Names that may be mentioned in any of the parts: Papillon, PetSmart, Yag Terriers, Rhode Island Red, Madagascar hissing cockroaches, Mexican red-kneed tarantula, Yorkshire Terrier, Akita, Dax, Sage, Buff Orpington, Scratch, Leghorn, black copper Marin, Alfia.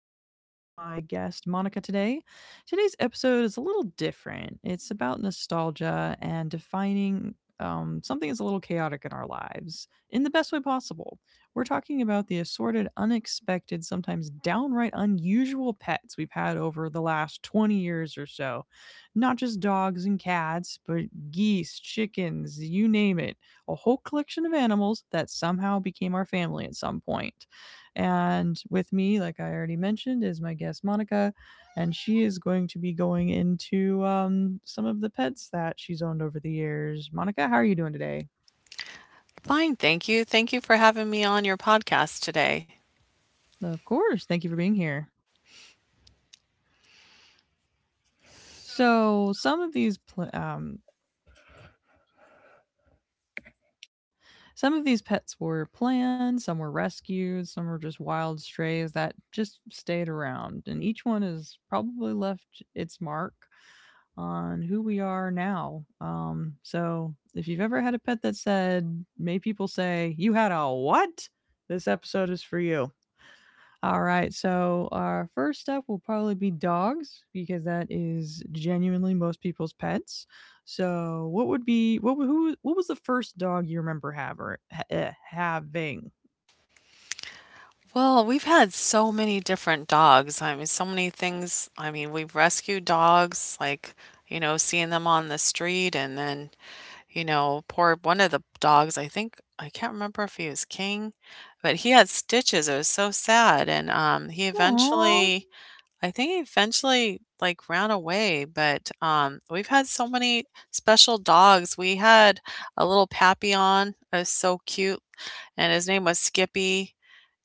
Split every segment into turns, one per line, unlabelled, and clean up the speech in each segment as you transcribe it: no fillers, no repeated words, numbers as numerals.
I'm with my guest Monica today. Today's episode is a little different. It's about nostalgia and defining something that's a little chaotic in our lives in the best way possible. We're talking about the assorted, unexpected, sometimes downright unusual pets we've had over the last 20 years or so. Not just dogs and cats, but geese, chickens, you name it. A whole collection of animals that somehow became our family at some point. And with me, like I already mentioned, is my guest Monica, and she is going to be going into some of the pets that she's owned over the years. Monica, how are you doing today?
Fine, thank you. Thank you for having me on your podcast today.
Of course, thank you for being here. So some of these pets were planned, some were rescued, some were just wild strays that just stayed around, and each one has probably left its mark on who we are now. So if you've ever had a pet that said, made people say, you had a what? This episode is for you. All right. So our first up will probably be dogs because that is genuinely most people's pets. So what would be what who what was the first dog you remember having?
Well, we've had so many different dogs. I mean, so many things. I mean, we've rescued dogs, like, you know, seeing them on the street, and then, you know, poor one of the dogs, I think, I can't remember if he was King, but he had stitches. It was so sad. And he
Aww.
eventually I think he eventually, like, ran away, but, we've had so many special dogs. We had a little Papillon. It was so cute, and his name was Skippy,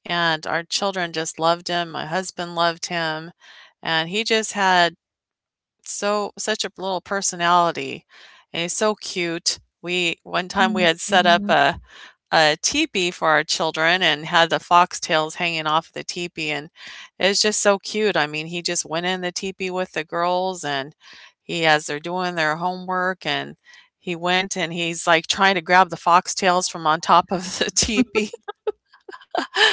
and our children just loved him, my husband loved him, and he just had so such a little personality, and he's so cute. We one time we had set up a teepee for our children and had the foxtails hanging off the teepee, and it was just so cute. I mean, he just went in the teepee with the girls, and he as they're doing their homework, and he went and he's like trying to grab the foxtails from on top of the teepee.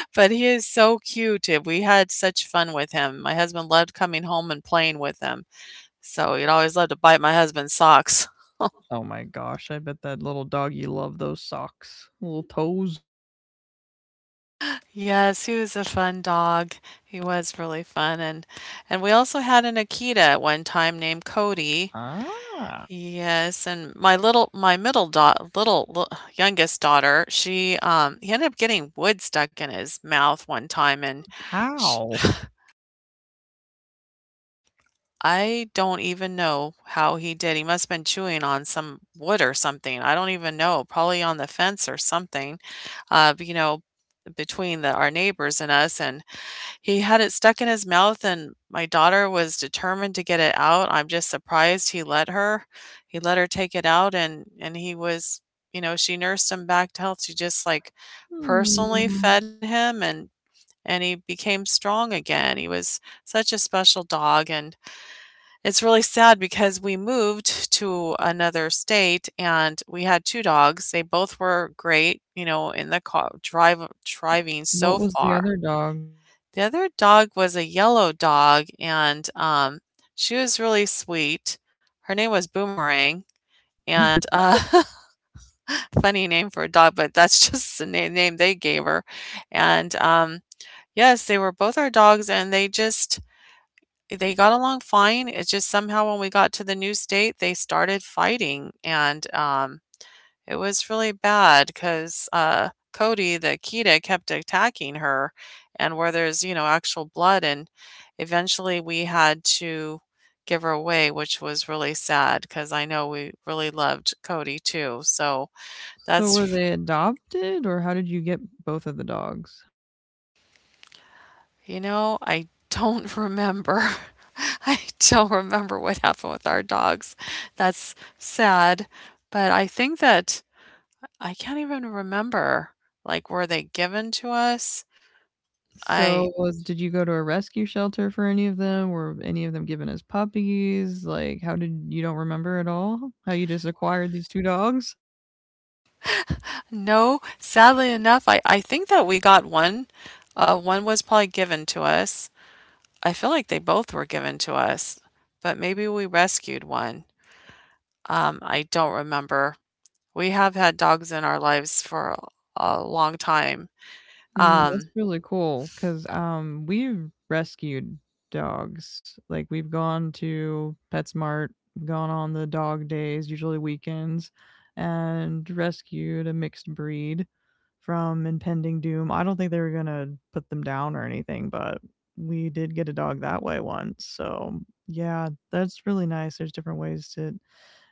But he is so cute. And We had such fun with him. My husband loved coming home and playing with him. So he'd always love to bite my husband's socks.
Oh my gosh, I bet that little doggy loved those socks, little toes.
Yes, he was a fun dog. He was really fun and we also had an Akita at one time named Cody.
Ah.
Yes, and my middle dot little, youngest daughter, she he ended up getting wood stuck in his mouth one time and sh
How?
I don't even know how he did. He must have been chewing on some wood or something. I don't even know, probably on the fence or something. But, you know, between our neighbors and us and he had it stuck in his mouth, and my daughter was determined to get it out. I'm just surprised he let her. He let her take it out, and he was, you know, she nursed him back to health. She just like personally
Hmm.
fed him, and he became strong again. He was such a special dog, and it's really sad because we moved to another state, and we had two dogs. They both were great, you know, in the car drive driving
What
so
was the
far.
other dog?
The other dog was a yellow dog, and, she was really sweet. Her name was Boomerang, and, funny name for a dog, but that's just the na name they gave her, and, yes, they were both our dogs, and they just they got along fine. It's just somehow when we got to the new state, they started fighting, and, it was really bad because uh, Cody, the cheetah, kept attacking her, and where there's, you know, actual blood, and eventually we had to give her away, which was really sad because I know we really loved Cody too, so
So were
that's
they adopted, or how did you get both of the dogs?
you know, I don't remember. I don't remember what happened with our dogs. That's sad, but I think that I can't even remember, like, were they given to us? I
So was did you go to a rescue shelter for any of them? Were any of them given as puppies? Like, how did you don't remember at all? How you just acquired these two dogs?
no, sadly enough, I think that we got one. One was probably given to us. I feel like they both were given to us, but maybe we rescued one. I don't remember. We have had dogs in our lives for a long time.
That's
Um,
really cool because we've rescued dogs. Like, we've gone to PetSmart, gone on the dog days, usually weekends, and rescued a mixed breed from impending doom. I don't think they were gonna put them down or anything, but we did get a dog that way once. So yeah, that's really nice. There's different ways to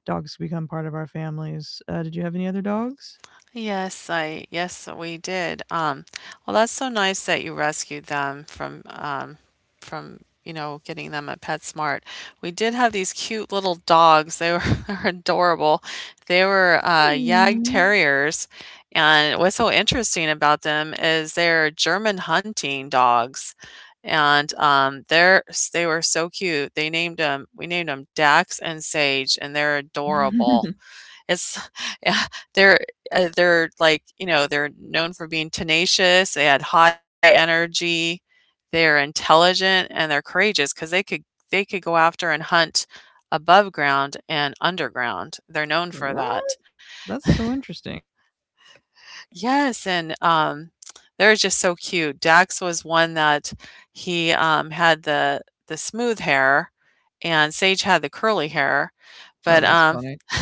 dogs become part of our families. Did you have any other dogs?
Yes, I yes, we did. Well, that's so nice that you rescued them from you know getting them at PetSmart. We did have these cute little dogs. They were they were adorable. They were Yag
Aw.
Terriers, and what's so interesting about them is they're German hunting dogs, and they're they were so cute. They named them we named them Dax and Sage, and they're adorable. It's yeah, they're they're like, you know, they're known for being tenacious, they had high energy, they're intelligent, and they're courageous because they could go after and hunt above ground and underground. They're known for
What?
that.
That's so interesting.
Yes, and, they're just so cute. Dax was one that he, had the smooth hair, and Sage had the curly hair,
Oh,
but,
that's funny.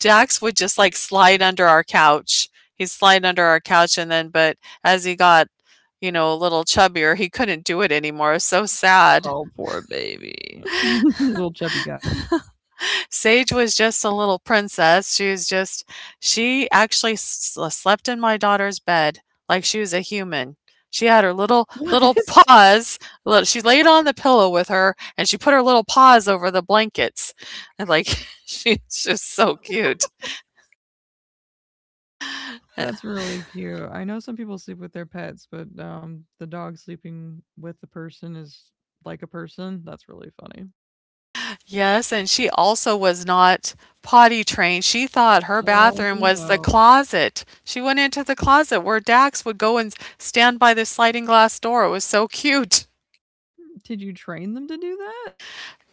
Jax would just like slide under our couch. He'd slide under our couch and then but as he got, you know, a little chubbier, he couldn't do it anymore. It was so sad.
Oh, poor baby. Little chubby guy.
Sage was just a little princess. She was just she actually slept in my daughter's bed like she was a human. She had her
What?
little paws. Little, she laid on the pillow with her, and she put her little paws over the blankets, and like she's just so cute.
That's really cute. I know some people sleep with their pets, but the dog sleeping with the person is like a person. That's really funny.
Yes, and she also was not potty trained. She thought her
Oh,
bathroom was the
no.
closet. She went into the closet where Dax would go and stand by the sliding glass door. It was so cute.
Did you train them to do that?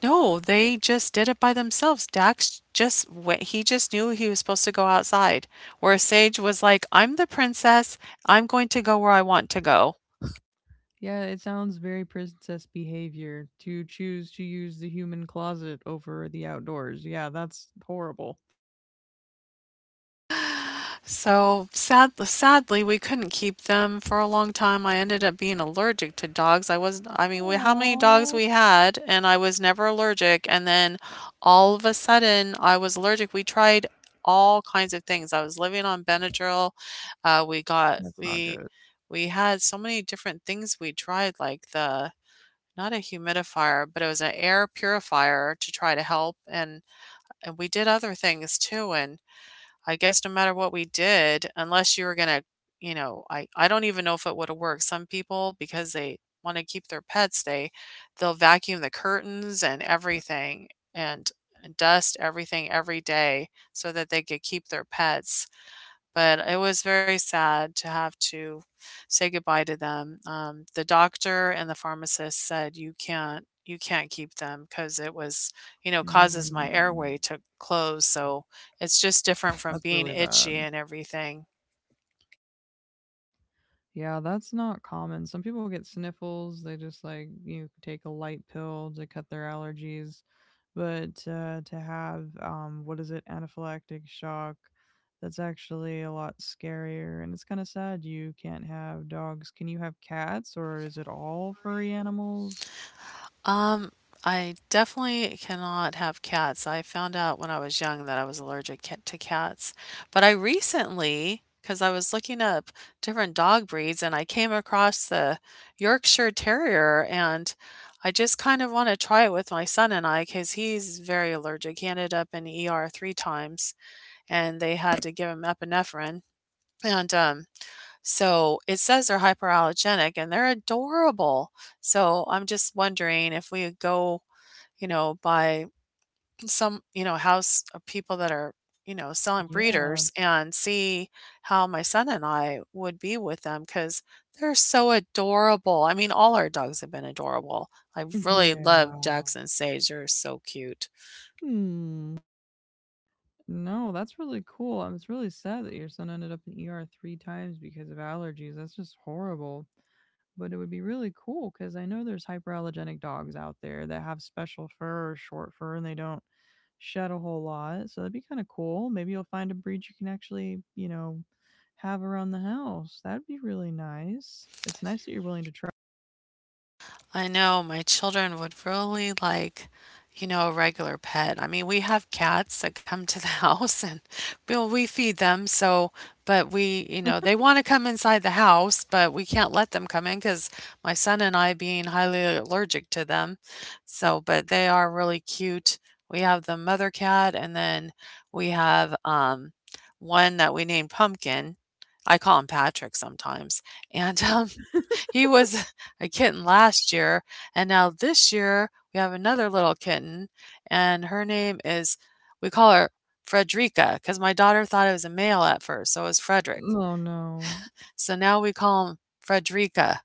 No, they just did it by themselves. Dax just went, he just knew he was supposed to go outside. Where Sage was like, I'm the princess. I'm going to go where I want to go.
Yeah, it sounds very princess behavior to choose to use the human closet over the outdoors. Yeah, that's horrible.
So sad, sadly, we couldn't keep them for a long time. I ended up being allergic to dogs. I was, I mean, we, how many dogs
Aw.
we had, and I was never allergic. And then all of a sudden, I was allergic. We tried all kinds of things. I was living on Benadryl. We got,
That's not good.
we had so many different things we tried, like not a humidifier, but it was an air purifier to try to help. And we did other things too. And, I guess no matter what we did, unless you were gonna, you know, I don't even know if it would have worked. Some people, because they want to keep their pets, they'll vacuum the curtains and everything and dust everything every day so that they could keep their pets, but it was very sad to have to say goodbye to them. The doctor and the pharmacist said you can't keep them because it was you know causes my
Mm,
airway to close, so it's just different from
that's
being
really
itchy
bad.
and everything.
Yeah, that's not common. Some people get sniffles. They just like you take a light pill to cut their allergies, but to have what is it, anaphylactic shock? That's actually a lot scarier, and it's kind of sad. You can't have dogs. Can you have cats, or is it all furry animals?
Um, I definitely cannot have cats. I found out when I was young that I was allergic to cats, but I recently, because I was looking up different dog breeds, and I came across the Yorkshire Terrier, and I just kind of want to try it with my son and I because he's very allergic. He ended up in ER three times, and they had to give him epinephrine. And so it says they're hyperallergenic and they're adorable. So I'm just wondering if we go you know, by some, you know, house of people that are, you know, selling
Yeah,
breeders and see how my son and I would be with them because they're so adorable. I mean, all our dogs have been adorable. I really love
yeah.
Jackson Sage. They're so cute.
Hmm. No, that's really cool. I It's really sad that your son ended up in ER three times because of allergies. That's just horrible. But it would be really cool because I know there's hyperallergenic dogs out there that have special fur or short fur and they don't shed a whole lot. So that'd be kind of cool. Maybe you'll find a breed you can actually, have around the house. That'd be really nice. It's nice that you're willing to try.
I know my children would really like, you know, a regular pet. I mean, we have cats that come to the house, and we feed them. So, but we, you know, they want to come inside the house, but we can't let them come in because my son and I being highly allergic to them. So, but they are really cute. We have the mother cat, and then we have one that we named Pumpkin. I call him Patrick sometimes. And he was a kitten last year, and now this year we have another little kitten, and her name is, we call her Frederica because my daughter thought it was a male at first, so it was Frederick.
Oh no.
So now we call him Frederica.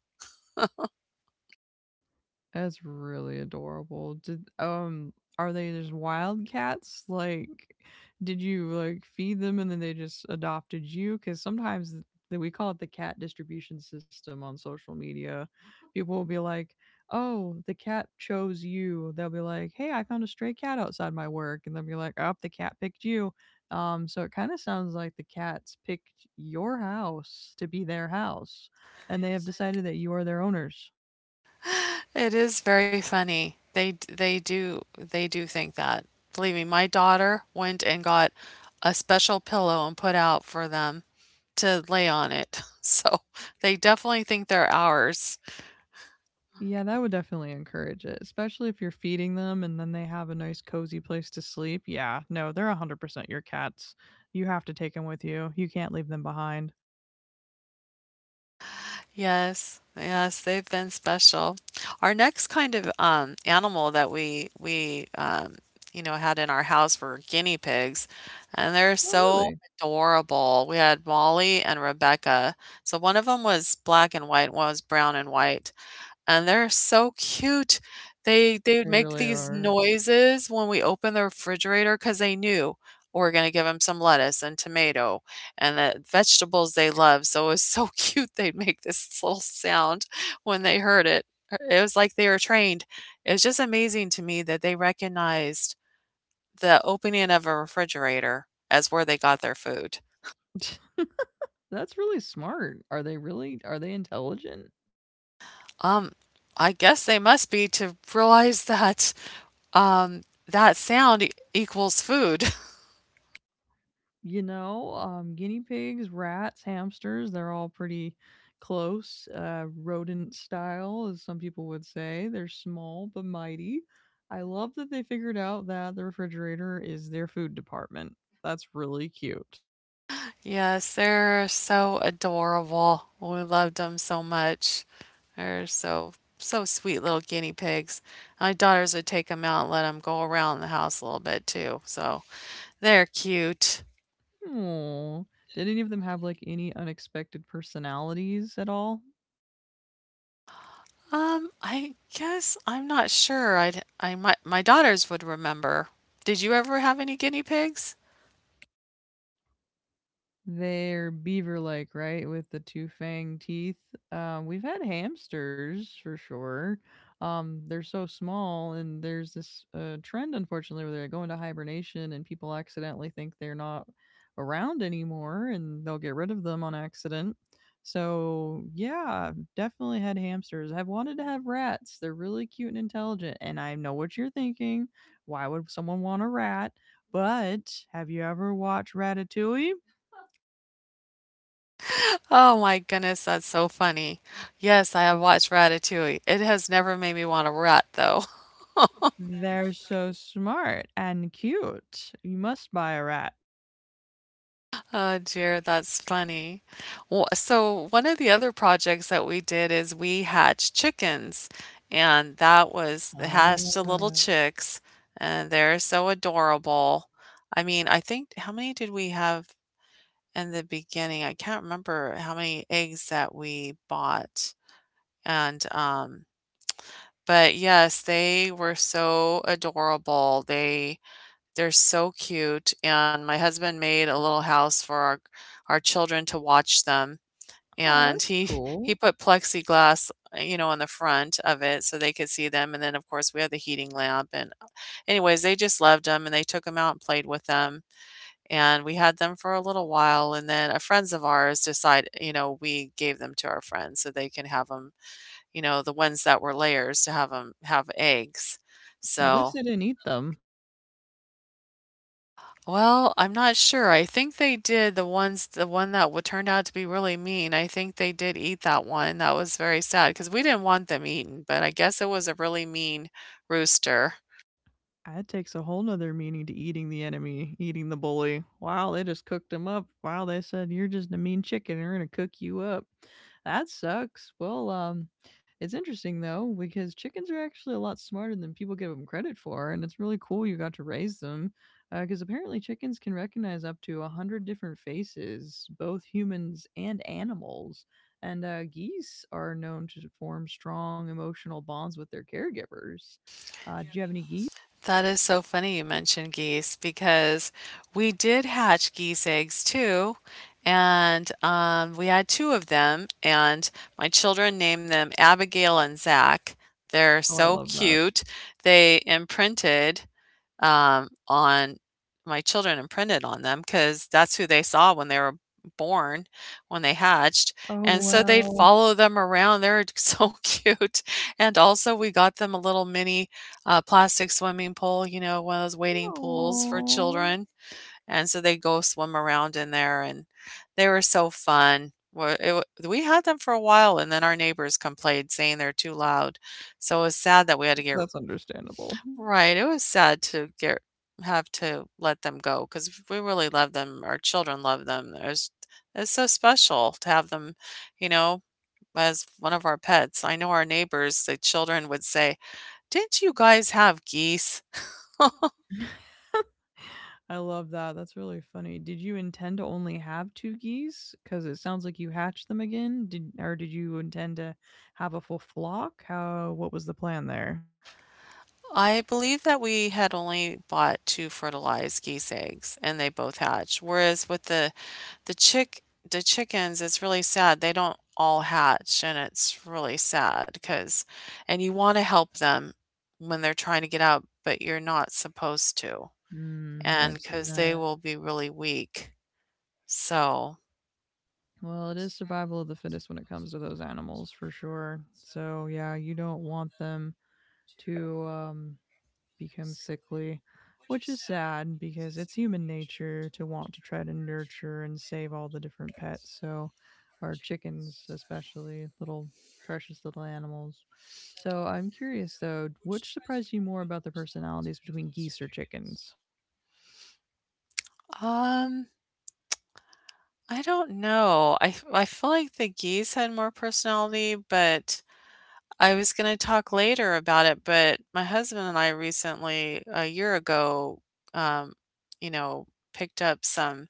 That's really adorable. Did are they just wild cats? Like, did you like feed them and then they just adopted you, cuz sometimes that we call it the cat distribution system on social media. People will be like, "Oh, the cat chose you." They'll be like, "Hey, I found a stray cat outside my work." And they'll be like, "Oh, the cat picked you." So it kind of sounds like the cats picked your house to be their house and they have decided that you are their owners.
It is very funny. They do they do think that. Believe me, my daughter went and got a special pillow and put out for them to lay on it. So they definitely think they're ours.
Yeah, that would definitely encourage it, especially if you're feeding them and then they have a nice cozy place to sleep. Yeah, no, they're 100% your cats. You have to take them with you. You can't leave them behind.
Yes, yes, they've been special. Our next kind of animal that we you know had in our house were guinea pigs, and they're
Oh,
so
really?
adorable. We had Molly and Rebecca. So one of them was black and white, one was brown and white, and they're so cute. They would
They
make
really
these
are.
noises when we opened the refrigerator because they knew we're gonna give them some lettuce and tomato and the vegetables they love, so it was so cute they'd make this little sound when they heard it. It was like they were trained. It was just amazing to me that they recognized the opening of a refrigerator as where they got their food.
That's really smart. Are they intelligent?
Um, I guess they must be to realize that um that sound equals food.
You know, guinea pigs, rats, hamsters, they're all pretty close. Rodent style, as some people would say. They're small but mighty. I love that they figured out that the refrigerator is their food department. That's really cute.
Yes, they're so adorable. We loved them so much. They're so so sweet little guinea pigs. My daughters would take them out and let them go around the house a little bit too, so they're cute.
Aww. Did any of them have like any unexpected personalities at all?
I guess I'm not sure. I might my daughters would remember. Did you ever have any guinea pigs?
They're beaver like, right? With the two fang teeth. We've had hamsters for sure. They're so small, and there's this trend, unfortunately, where they go into hibernation and people accidentally think they're not around anymore and they'll get rid of them on accident. So, yeah, definitely had hamsters. I've wanted to have rats. They're really cute and intelligent. And I know what you're thinking. Why would someone want a rat? But have you ever watched Ratatouille?
Oh my goodness, that's so funny. Yes, I have watched Ratatouille. It has never made me want a rat though.
They're so smart and cute. You must buy a rat.
Oh dear, that's funny. So one of the other projects that we did is we hatched chickens, and that was they hatched the
Ah.
little chicks, and they're so adorable. I mean, I think how many did we have in the beginning? I can't remember how many eggs that we bought. And but yes, they were so adorable. They're so cute, and my husband made a little house for our children to watch them,
Oh,
and
that's
he he
cool.
put plexiglass, you know, on the front of it so they could see them, and then, of course, we had the heating lamp, and anyways, they just loved them, and they took them out and played with them, and we had them for a little while, and then a friends of ours decide you know, we gave them to our friends so they can have them, you know, the ones that were layers to have them have eggs.
At
So
least they didn't eat them.
well, I'm not sure. I think they did the one that w turned out to be really mean. I think they did eat that one. That was very sad because we didn't want them eaten, but I guess it was a really mean rooster.
That takes a whole nother meaning to eating the enemy, eating the bully. Wow, they just cooked him up. Wow, they said, you're just a mean chicken. We're gonna cook you up. That sucks. Well, it's interesting though because chickens are actually a lot smarter than people give them credit for, and it's really cool you got to raise them. Because apparently chickens can recognize up to 100 different faces, both humans and animals. And geese are known to form strong emotional bonds with their caregivers. Do you have any geese?
That is so funny you mentioned geese because we did hatch geese eggs too. And We had two of them, and my children named them Abigail and Zach. They're
Oh, I
so
love that.
cute. They imprinted on my children imprinted on them because that's who they saw when they were born, when they hatched.
Oh,
And so they'd
wow.
follow them around. They're so cute. And also, we got them a little mini a plastic swimming pool, you know, one of those wading pools for
No,
children, and so they go swim around in there, and they were so fun. Wha it wa We had them for a while, and then our neighbors complained saying they're too loud, so it was sad that we had to get
that's understandable.
right, it was sad to get have to let them go because we really love them, our children love them, there's it's so special to have them, you know, as one of our pets. I know our neighbors, the children would say, "Didn't you guys have geese?"
I love that, that's really funny. Did you intend to only have 2 geese? Because it sounds like you hatched them again. Did you intend to have a full flock? How what was the plan there?
I believe that we had only bought two fertilized geese eggs and they both hatched. Whereas with the chick the chickens, it's really sad. They don't all hatch and it's really sad because and you want to help them when they're trying to get out, but you're not supposed to.
Mm, yeah,
And
I've seen
because
that.
they will be really weak. So
Well, it is survival of the fittest when it comes to those animals for sure. So, yeah, you don't want them to, um become sickly, which is sad because it's
human
human
nature
nature
to
to
want to
want to
try
try
to
to
nurture
nurture
and
and
save
save
all the
all the
time.
different
Right?
pets.
So
So,
our
our
chickens,
chickens,
especially,
especially
are
little
precious
precious
little
little
animals.
animals.
So
So,
I'm
I'm
curious,
curious though,
which
which
surprised you
surprised you
more
more
about the
about the
personalities
personalities
between
between
geese or
geese or
chickens?
chickens?
Um, I don't know. I feel like the geese had more personality, but I was going to talk later about it, but my husband and I recently a year ago um, you know, picked up some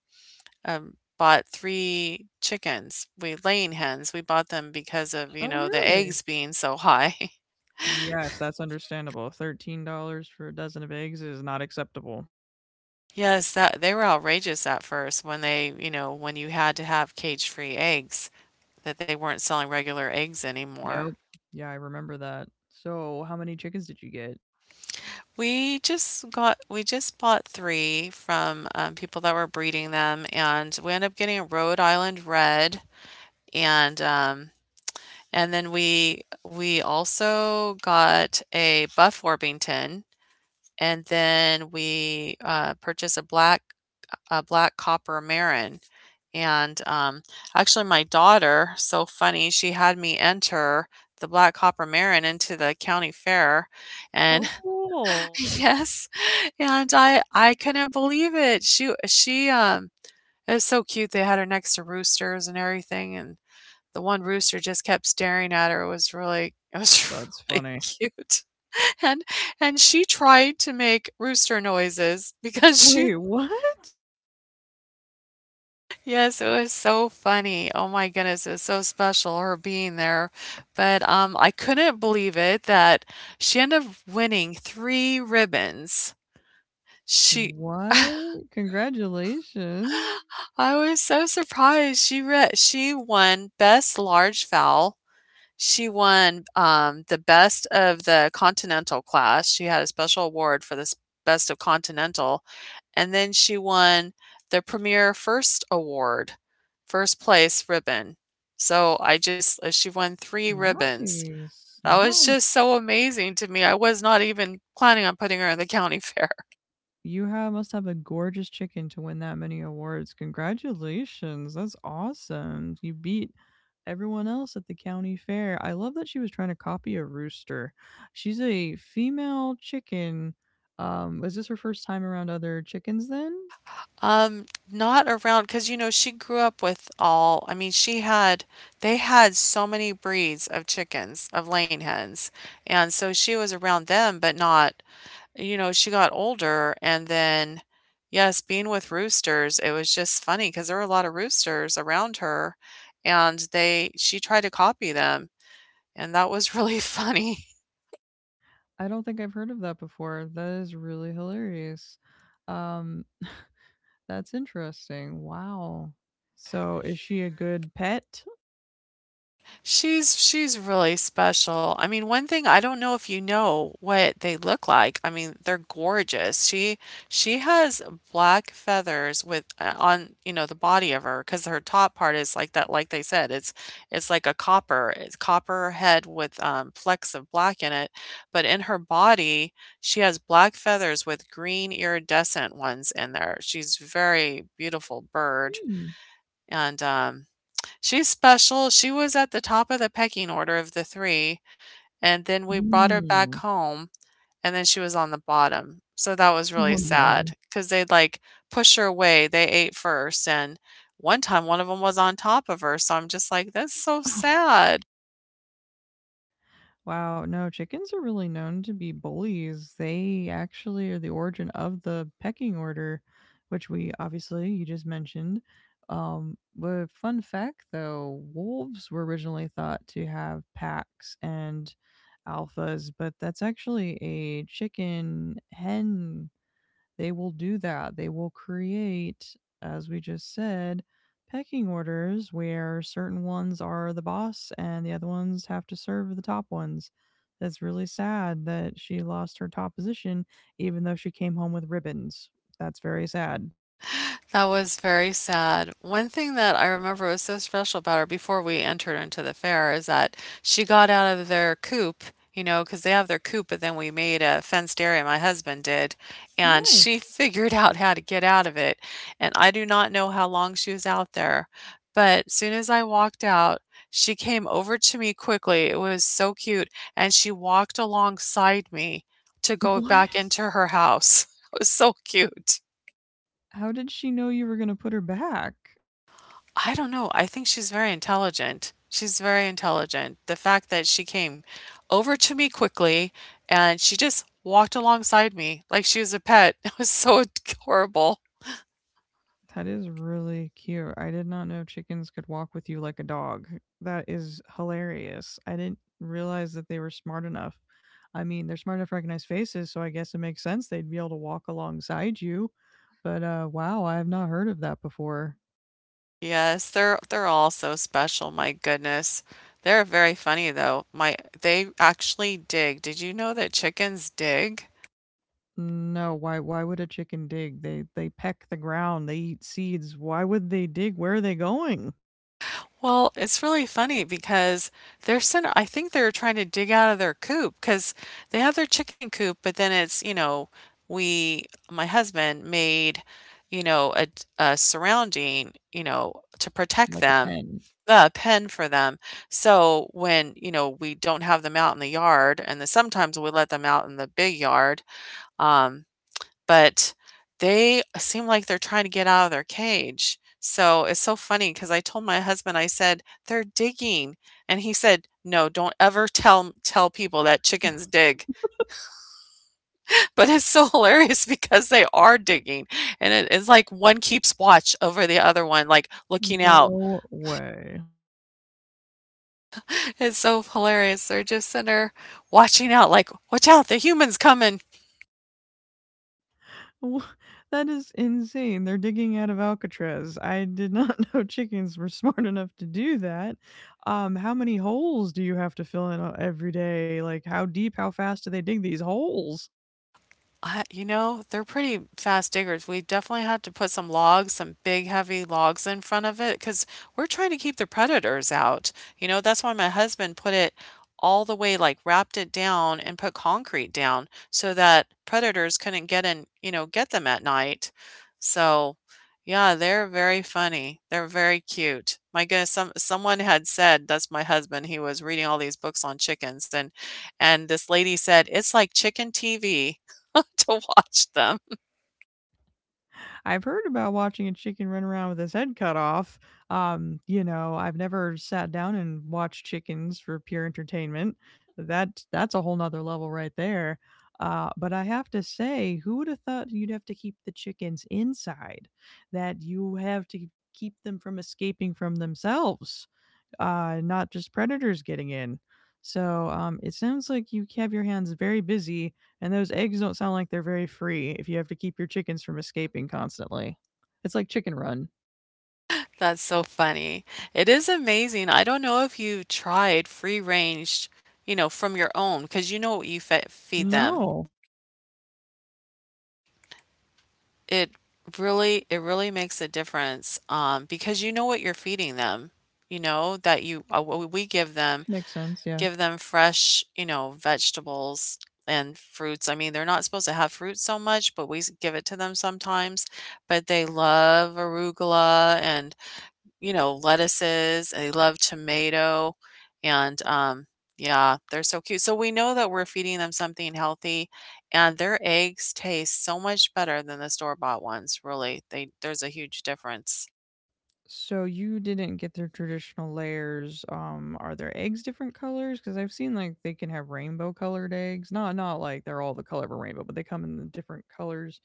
bought 3 chickens. We laying hens, we bought them because of, you
Oh,
know, the
really?
eggs being so high.
Yes, that's understandable. $13 for a dozen of eggs is not acceptable.
Yes, that they were outrageous at first when they, you know, when you had to have cage-free eggs, that they weren't selling regular eggs anymore.
Yep. Yeah, I remember that. So, how many chickens did you get?
We just bought 3 from, people that were breeding them, and we ended up getting a Rhode Island Red, and, um, and then we also got a Buff Orpington. And then we, purchased a black copper Marin, and, actually, my daughter so funny, she had me enter the black copper Marin into the county fair, and
Oh, cool.
yes, and I couldn't believe it. She it was so cute, they had her next to roosters and everything, and the one rooster just kept staring at her, it was really it was
That's
really
funny.
cute, and and she tried to make rooster noises because she
Wait, what?
yes it was so funny, oh my goodness it was so special her being there, but I couldn't believe it that she ended up winning three ribbons. She
What? Congratulations.
I was so surprised, she won best large fowl. She won, the best of the Continental class. She had a special award for this best of Continental, and then she won the Premier First Award, first place ribbon. So I just she won 3 ribbons.
Nice.
That was
Nice.
just so amazing to me. I was not even planning on putting her in the county fair.
You have must have a gorgeous chicken to win that many awards. Congratulations. That's awesome. You beat everyone else at the county fair. I love that she was trying to copy a rooster. She's a female chicken. Was this her first time around other chickens then?
Um, Not around because you know she grew up with all. I mean, she had they had so many breeds of chickens, of laying hens, and so she was around them, but not, you know, she got older and then yes, being with roosters, it was just funny because there were a lot of roosters around her and they she tried to copy them, and that was really funny.
I don't think I've heard of that before. That is really hilarious. Um That's interesting. Wow. So is she a good pet?
She's really special. I mean, one thing I don't know if you know what they look like. I mean, they're gorgeous. She has black feathers with on, you know, the body of her because her top part is like that like they said, it's like a copper, it's copper head with flecks of black in it, but in her body, she has black feathers with green iridescent ones in there. She's very beautiful bird,
Hmm.
and she's special. She was at the top of the pecking order of the 3, and then we brought her back
Mm.
home, and then she was on the bottom. So that was really
Oh,
sad
no.
because 'cause they'd, like, push her away. They ate first, and one time, one of them was on top of her, so I'm just like, "That's so sad."
Wow, no, chickens are really known to be bullies. They actually are the origin of the pecking order, which we obviously you just mentioned. But fun fact though, wolves were originally thought to have packs and alphas, but that's actually a chicken hen they will do that. They will create, as we just said, pecking orders where certain ones are the boss and the other ones have to serve the top ones. That's really sad that she lost her top position, even though she came home with ribbons. That's very sad.
That was very sad. One thing that I remember was so special about her before we entered into the fair is that she got out of their coop, you know, because they have their coop, but then we made a fenced area, my husband did,
Oh,
and
nice.
she figured out how to get out of it. And I do not know how long she was out there, but soon as I walked out, she came over to me quickly. It was so cute, and she walked alongside me to go
What?
back into her house. It was so cute.
How did she know you were going to put her back?
I don't know. I think she's very intelligent. She's very intelligent. The fact that she came over to me quickly and she just walked alongside me like she was a pet. It was so adorable.
That is really cute. I did not know chickens could walk with you like a dog. That is hilarious. I didn't realize that they were smart enough. I mean, they're smart enough to recognize faces, so I guess it makes sense they'd be able to walk alongside you. But wow, I have not heard of that before.
Yes, they're all so special. My goodness. They're very funny though. My they actually dig. Did you know that chickens dig?
No, why? Why would a chicken dig? They peck the ground. They eat seeds. Why would they dig? Where are they going?
Well, it's really funny because they're sent, I think they're trying to dig out of their coop because they have their chicken coop, but then it's, you know, we, my husband made, you know, a surrounding, you know, to protect
Like a
them,
pen.
a pen for them. So when, you know, we don't have them out in the yard and then sometimes we let them out in the big yard, um, but they seem like they're trying to get out of their cage. So it's so funny because I told my husband, I said, "They're digging." And he said, "No, don't ever tell people that chickens dig." But it's so hilarious because they are digging, and it it's like one keeps watch over the other one, like, looking out.
No way.
It's so hilarious. They're just sitting there watching out like, "Watch out, the human's coming."
Wha- That is insane. They're digging out of Alcatraz. I did not know chickens were smart enough to do that. How many holes do you have to fill in every day? Like, how deep, how fast do they dig these holes?
I you know, they're pretty fast diggers. We definitely had to put some logs, some big heavy logs in front of it, because 'cause we're trying to keep the predators out. You know, that's why my husband put it all the way, like wrapped it down and put concrete down so that predators couldn't get in, you know, get them at night. So, yeah, they're very funny. They're very cute. My goodness, someone had said, that's my husband, he was reading all these books on chickens and this lady said, "It's like chicken TV." to watch them.
I've heard about watching a chicken run around with his head cut off. You know, I've never sat down and watched chickens for pure entertainment. That's a whole nother level right there. But I have to say, who would have thought you'd have to keep the chickens inside? That you have to keep them from escaping from themselves? Not just predators getting in. So it sounds like you have your hands very busy, and those eggs don't sound like they're very free if you have to keep your chickens from escaping constantly. It's like chicken run.
That's so funny. It is amazing. I don't know if you tried free range, you know, from your own, because you know what you fe feed them.
No,
It it really makes a difference, because you know what you're feeding them. You know that you what we
makes sense. Yeah.
give them fresh, you know, vegetables and fruits. I mean, they're not supposed to have fruit so much, but give it to them sometimes. But they love arugula and you know, lettuces, they love tomato, and, yeah, they're so cute. So we know that we're feeding them something healthy, and their eggs taste so much better than the store-bought ones, really. They There's a huge difference.
So you didn't get their traditional layers. Are their eggs different colors? Because I've seen like they can have rainbow colored eggs. Not like they're all the color of a rainbow, but they come in the different colors.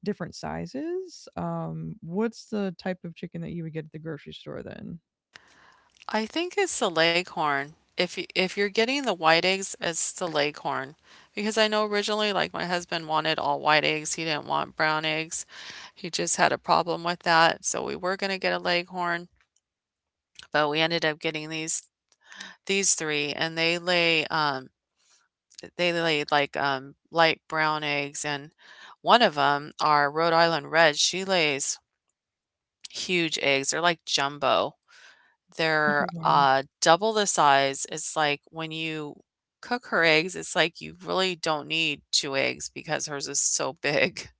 Different sizes? What's the type of chicken that you would get at the grocery store then?
I think it's the Leghorn. If you're getting the white eggs, it's the Leghorn. Because I know originally, like my husband wanted all white eggs. He didn't want brown eggs. He just had a problem with that. So we were gonna get a Leghorn, but we ended up getting these 3, and they lay, like, light brown eggs, and one of them, our Rhode Island Red, she lays huge eggs, they're like jumbo. They're,
Oh, wow.
double the size. It's like when you cook her eggs, it's like you really don't need 2 eggs because hers is so big.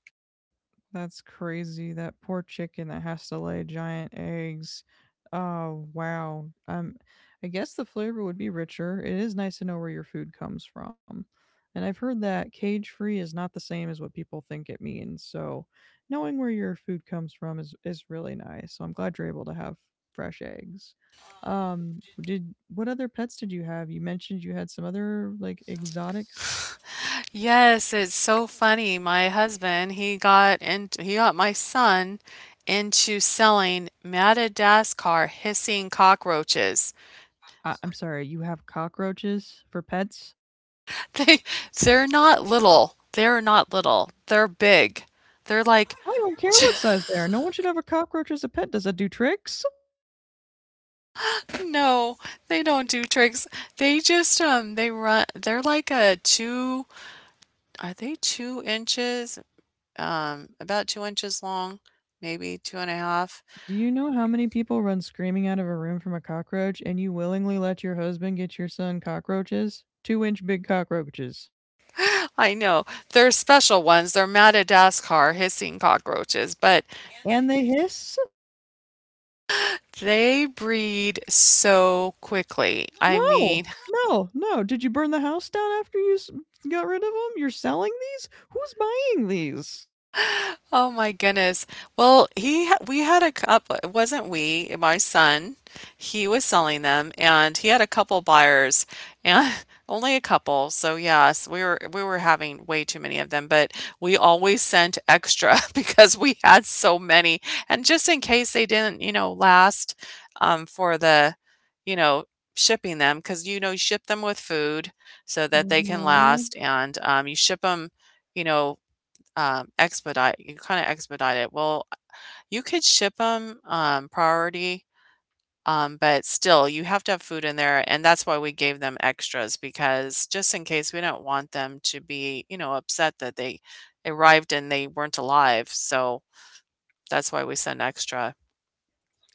That's crazy. That poor chicken that has to lay giant eggs. Oh, wow. I guess the flavor would be richer. It is nice to know where your food comes from. And I've heard that cage free is not the same as what people think it means. So knowing where your food comes from is really nice. So I'm glad you're able to have fresh eggs. Did What other pets did you have? You mentioned you had some other like exotics.
Yes, it's so funny. My husband, he got in. He got my son into selling Madagascar hissing cockroaches.
I'm sorry, you have cockroaches for pets?
They they're not little. They're big. They're like
I don't care what size they are. No one should have a cockroach as a pet. Does that do tricks?
no, they don't do tricks. They just they're like a two are they 2 inches? About 2 inches long, maybe two and a half.
Do you know how many people run screaming out of a room from a cockroach and you willingly let your husband get your son cockroaches? Two-inch big cockroaches.
I know. They're special ones. They're Madagascar hissing cockroaches, but
And they hiss?
they breed so quickly. I mean,
No, no, no. Did you burn the house down after got rid of them? You're selling these? Who's buying these?
oh my goodness. Well, we had a couple, wasn't we, my son, he was selling them and he had a couple buyers and only a couple. So yes, we were having way too many of them, but we always sent extra because we had so many. And just in case they didn't, you know, last for the, you know, shipping them because you know, you ship them with food so that they can
Mhm.
last and you ship them you know expedite you kinda expedite it. Well, you could ship 'em, priority, but still, you have to have food in there, and that's why we gave them extras because just in case, we don't want them to be, you know, upset that they arrived and they weren't alive, so that's why we send extra.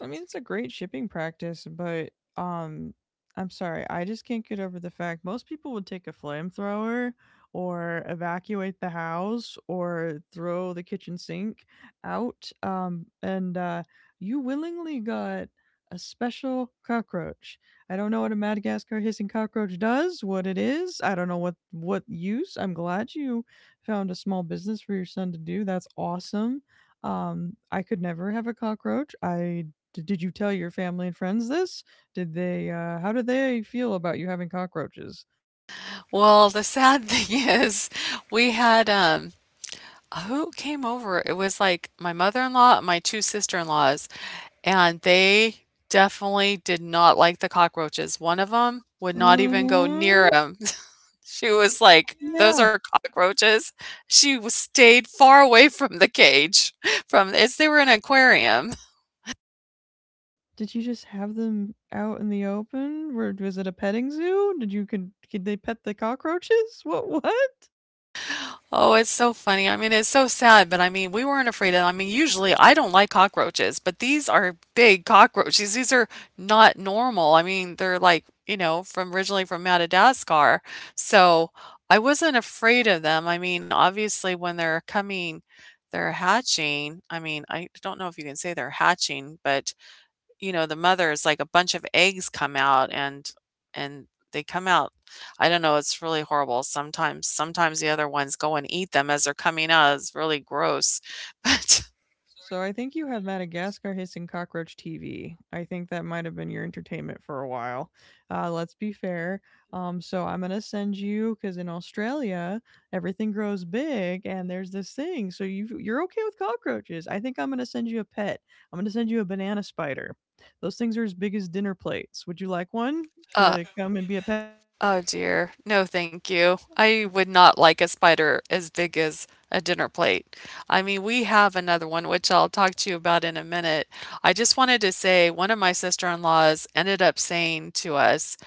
I mean, it's a great shipping practice, but I'm sorry, I just can't get over the fact most people would take a flamethrower or evacuate the house or throw the kitchen sink out. And You willingly got a special cockroach. I don't know what a Madagascar hissing cockroach does, what it is. I don't know what use. I'm glad you found a small business for your son to do. That's awesome. I could never have a cockroach. Did you tell your family and friends this? Did they, how did they feel about you having cockroaches?
Well, the sad thing is we had, who came over? It was, like, my mother-in-law and my 2 sister-in-laws, and they definitely did not like the cockroaches. One of them would not even go near
Mhm.
him. She was like, "Those
Yeah.
are cockroaches." She w stayed far away from the cage, from as they were in an aquarium.
Did you just have them out in the open? Were Was it a petting zoo? Did you Could they pet the cockroaches? What?
Oh, it's so funny. I mean, it's so sad, but I mean, we weren't afraid of them. I mean, usually I don't like cockroaches, but these are big cockroaches. These are not normal. I mean, they're like, you know, from originally from Madagascar. So I wasn't afraid of them. I mean, obviously when they're coming, they're hatching. I mean, I don't know if you can say they're hatching, but you know, the mothers, like, a bunch of eggs come out and they come out. I don't know, it's really horrible sometimes the other ones go and eat them as they're coming out, it's really gross, but,
So I think you have Madagascar Hissing Cockroach TV. I think that might have been your entertainment for a while. Let's be fair. So I'm gonna send you because in Australia everything grows big and there's this thing. So you're okay with cockroaches. I think I'm gonna send you a pet. I'm gonna send you a banana spider. Those things are as big as dinner plates. Would you like one
uh
to come and be a pet?
oh dear, no thank you. I would not like a spider as big as a dinner plate. I mean, we have another one, which I'll talk to you about in a minute. I just wanted to say one of my sister-in-laws ended up saying to us,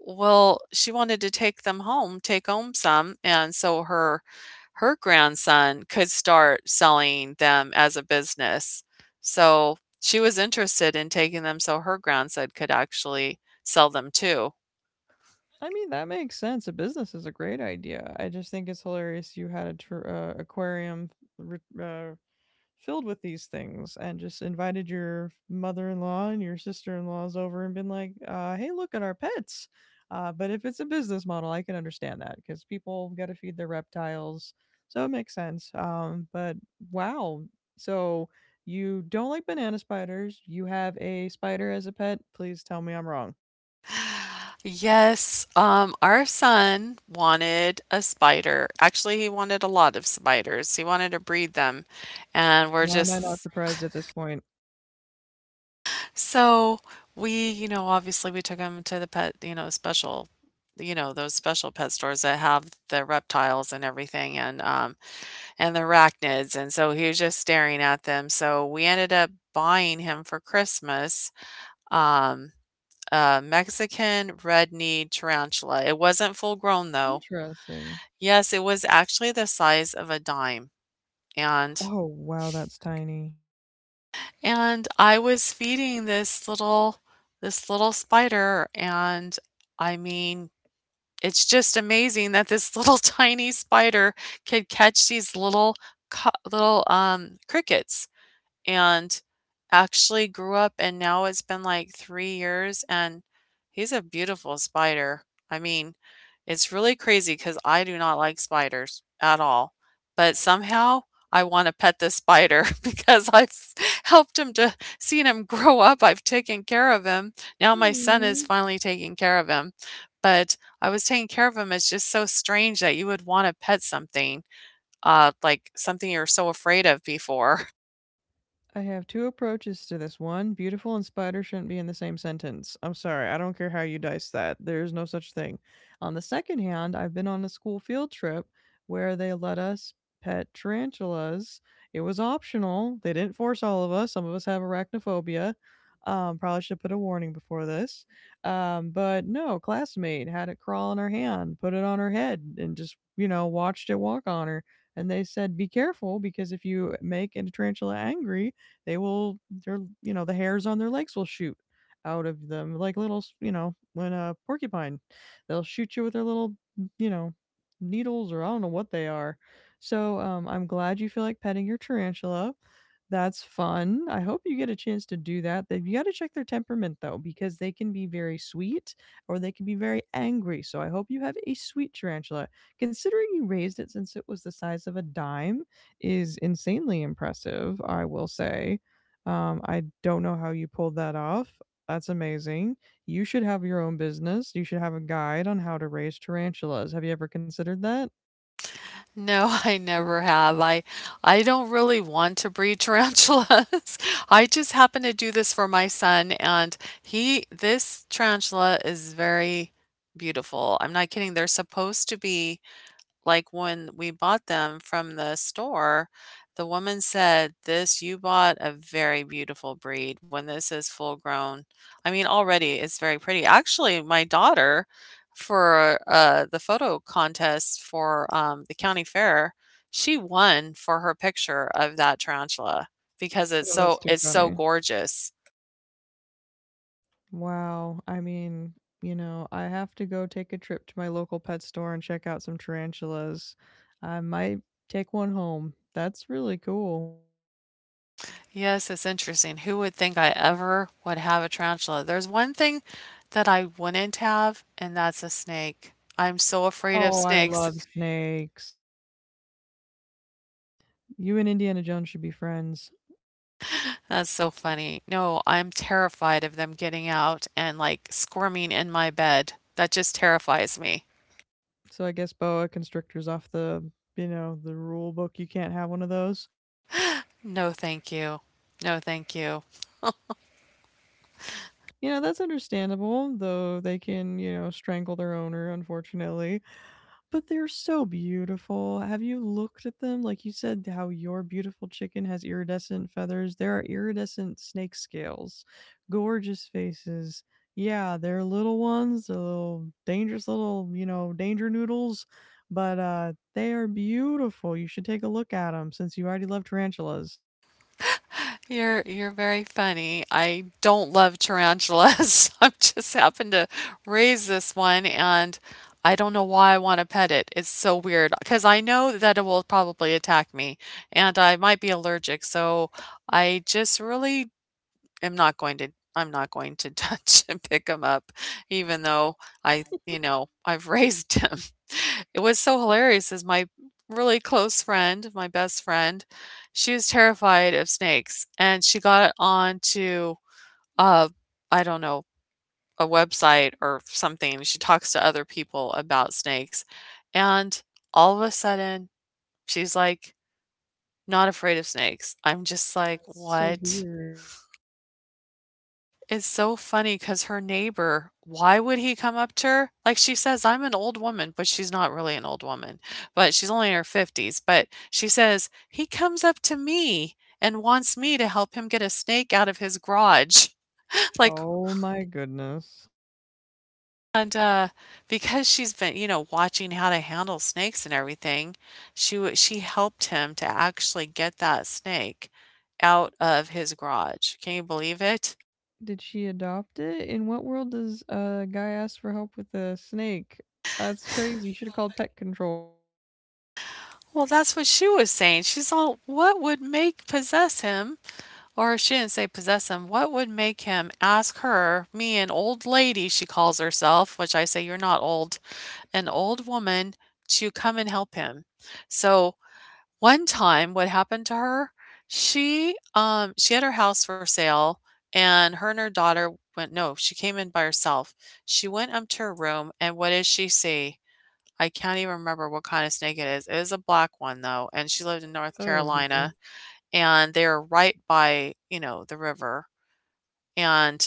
well, she wanted to take them home, take home some, and so her grandson could start selling them as a business. So she was interested in taking them so her grandson could actually sell them too.
I mean, that makes sense. A business is a great idea. I just think it's hilarious you had aquarium re- uh, filled with these things and just invited your mother-in-law and your sister-in-laws over and been like hey, look at our pets, but if it's a business model, I can understand that because people got to feed their reptiles, so it makes sense, but wow. So you don't like banana spiders. You have a spider as a pet, please tell me I'm wrong.
Yes, our son wanted a spider. Actually, he wanted a lot of spiders. He wanted to breed them, and we're
Why am I not
just,
surprised at this point?
so we, you know, obviously we took him to the pet, you know, special, you know, those special pet stores that have the reptiles and everything and the arachnids. And so he was just staring at them. So we ended up buying him for Christmas um a Mexican red-kneed tarantula. It wasn't full grown though.
Interesting.
Yes, it was actually the size of a dime. And
Oh wow, that's tiny.
And I was feeding this little spider, and I mean, it's just amazing that this little tiny spider could catch these little co little, crickets and actually grew up and now it's been like 3 years and he's a beautiful spider. I mean, it's really crazy because I do not like spiders at all, but somehow I want to pet this spider because I've helped him to seen him grow up. I've taken care of him. Now my son is
Aw.
finally taking care of him. But I was taking care of him. It's just so strange that you would want to pet something, like something you're so afraid of before.
I have two approaches to this. One, beautiful and spider shouldn't be in the same sentence. I'm sorry, I don't care how you dice that. There is no such thing. On the second hand, I've been on a school field trip where they let us pet tarantulas. It was optional. They didn't force all of us. Some of us have arachnophobia. Probably should put a warning before this. But no, classmate had it crawl in her hand, put it on her head, and just, you know, watched it walk on her. And they said, be careful because if you make a tarantula angry, they will their you know, the hairs on their legs will shoot out of them like little, you know, when a porcupine, they'll shoot you with their little, you know, needles or I don't know what they are. So I'm glad you feel like petting your tarantula. That's fun. I hope you get a chance to do that. You got to check their temperament though, because they can be very sweet or they can be very angry. So I hope you have a sweet tarantula. Considering you raised it since it was the size of a dime, is insanely impressive, I will say. I don't know how you pulled that off. That's amazing. You should have your own business. You should have a guide on how to raise tarantulas. Have you ever considered that?
No, I never have. I don't really want to breed tarantulas. I just happen to do this for my son and he this tarantula is very beautiful. I'm not kidding. They're supposed to be like, when we bought them from the store, the woman said, "This you bought a very beautiful breed. When this is full grown," I mean, already it's very pretty. Actually, my daughter for, the photo contest for, the county fair, she won for her picture of that tarantula because
Oh, that's too
it's so
funny.
gorgeous.
Wow. I mean, you know, I have to go take a trip to my local pet store and check out some tarantulas. I might take one home. That's really cool.
Yes, it's interesting. Who would think I ever would have a tarantula? There's one thing that I wouldn't have, and that's a snake. I'm so afraid of
Oh, I love
snakes.
snakes. You and Indiana Jones should be friends.
That's so funny. No, I'm terrified of them getting out and like squirming in my bed. That just terrifies me.
So I guess boa constrictors off the, you know, the rule book. You can't have one of those.
No, thank you. No, thank you.
You know, that's understandable, though they can, you know, strangle their owner, unfortunately. But they're so beautiful. Have you looked at them? Like you said, how your beautiful chicken has iridescent feathers. There are iridescent snake scales, gorgeous faces. Yeah, they're little ones, they're little dangerous little, you know, danger noodles, but they are beautiful. You should take a look at them since you already love tarantulas.
You're very funny. I don't love tarantulas. I just happened to raise this one and I don't know why I want to pet it. It's so weird because I know that it will probably attack me and I might be allergic. So I just really am not going to I'm not going to touch and pick him up even though I, you know, I've raised him. It was so hilarious is my really close friend, my best friend, she was terrified of snakes and she got onto uh I don't know, a website or something. She talks to other people about snakes and all of a sudden she's like not afraid of snakes. I'm just like,
So
what?
weird.
It's so funny, cause her neighbor, why would he come up to her? Like, she says, "I'm an old woman," but she's not really an old woman, but she's only in her 50s, but she says, "He comes up to me and wants me to help him get a snake out of his garage." Like,
Oh my goodness.
and, because she's been, you know, watching how to handle snakes and everything, she helped him to actually get that snake out of his garage. Can you believe it?
Did she adopt it? In what world does a guy ask for help with a snake? That's crazy. You should have called pet control.
Well, that's what she was saying. She's all, what would make possess him? Or she didn't say possess him. What would make him ask her, me, an old lady, she calls herself, which I say, you're not old, an old woman, to come and help him? So one time, what happened to her? She had her house for sale, and her daughter went. No, she came in by herself. She went up to her room, and what does she see? I can't even remember what kind of snake it is. It is a black one though, and she lived in North
Oh dear.
Carolina and they're right by, you know, the river. And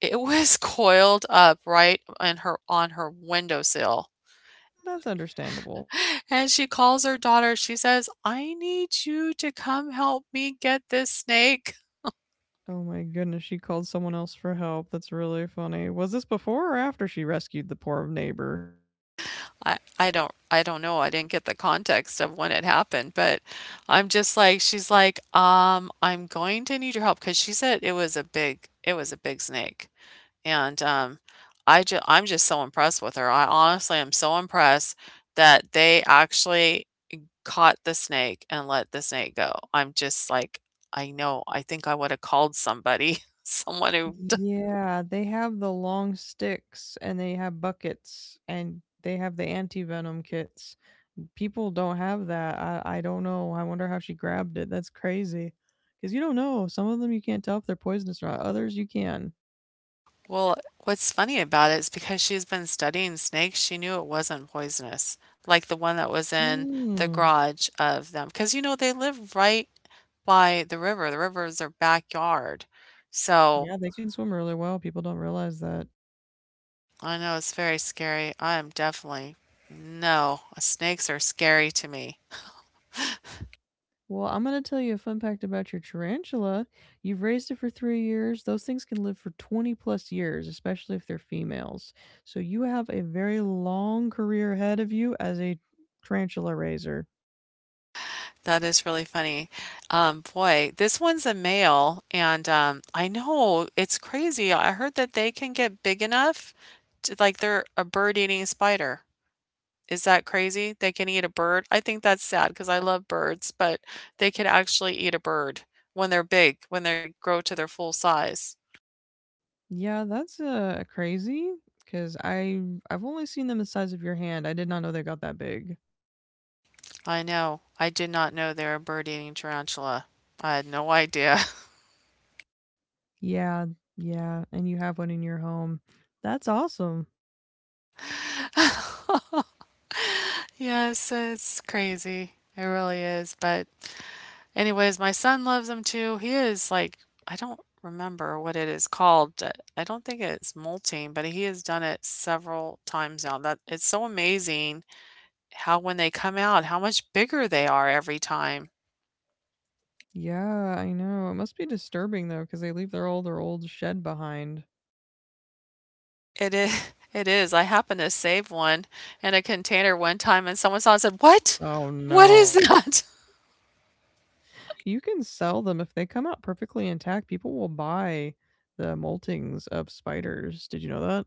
it was coiled up right in her windowsill.
That's understandable.
And she calls her daughter. She says, "I need you to come help me get this snake."
Oh my goodness, she called someone else for help. That's really funny. Was this before or after she rescued the poor neighbor?
I don't know. I didn't get the context of when it happened, but I'm just like I'm going to need your help because she said it was a big it was a big snake. And, I'm just so impressed with her. I honestly am so impressed that they actually caught the snake and let the snake go. I'm just like, I know, I think I woulda called somebody, someone who d
Yeah, they have the long sticks and they have buckets and they have the anti venom kits. People don't have that. I don't know. I wonder how she grabbed it. That's crazy. Because you don't know. Some of them you can't tell if they're poisonous or not. Others you can.
well, what's funny about it is because she's been studying snakes, she knew it wasn't poisonous, like the one that was in the
Mm.
garage of them, because you know, they live right by the river. The river is their backyard.
So,
So
yeah, they can swim really well. People don't realize that.
I know it's very scary. I am definitely, no, snakes are scary to me.
Well, I'm going to tell you a fun fact about your tarantula. You've raised it for 3 years. Those things can live for 20 plus years, especially if they're females. So you have a very long career ahead of you as a tarantula raiser.
That is really funny. This one's a male, and I know it's crazy. I heard that they can get big enough to, like they're a bird eating spider. Is that crazy? They can eat a bird? I think that's sad because I love birds, but they can actually eat a bird when they're big, when they grow to their full size.
Yeah, that's, crazy. Cause I've only seen them the size of your hand. I did not know they got that big.
I know. I did not know they're a bird eating tarantula. I had no idea.
Yeah, yeah, and you have one in your home. That's awesome.
Yes, it's crazy. It really is. But, anyways, my son loves them too. He is like, I don't remember what it is called. I don't think it's molting, but he has done it several times now. That it's so amazing how when they come out, how much bigger they are every time.
Yeah, I know, it must be disturbing, though, because they leave their all their old shed behind.
It is. It is. I happened to save one in a container one time, and someone saw it and said, "What?
Oh,
What
no.
is that?"
You can sell them if they come out perfectly intact, people will buy the moltings of spiders, did you know that?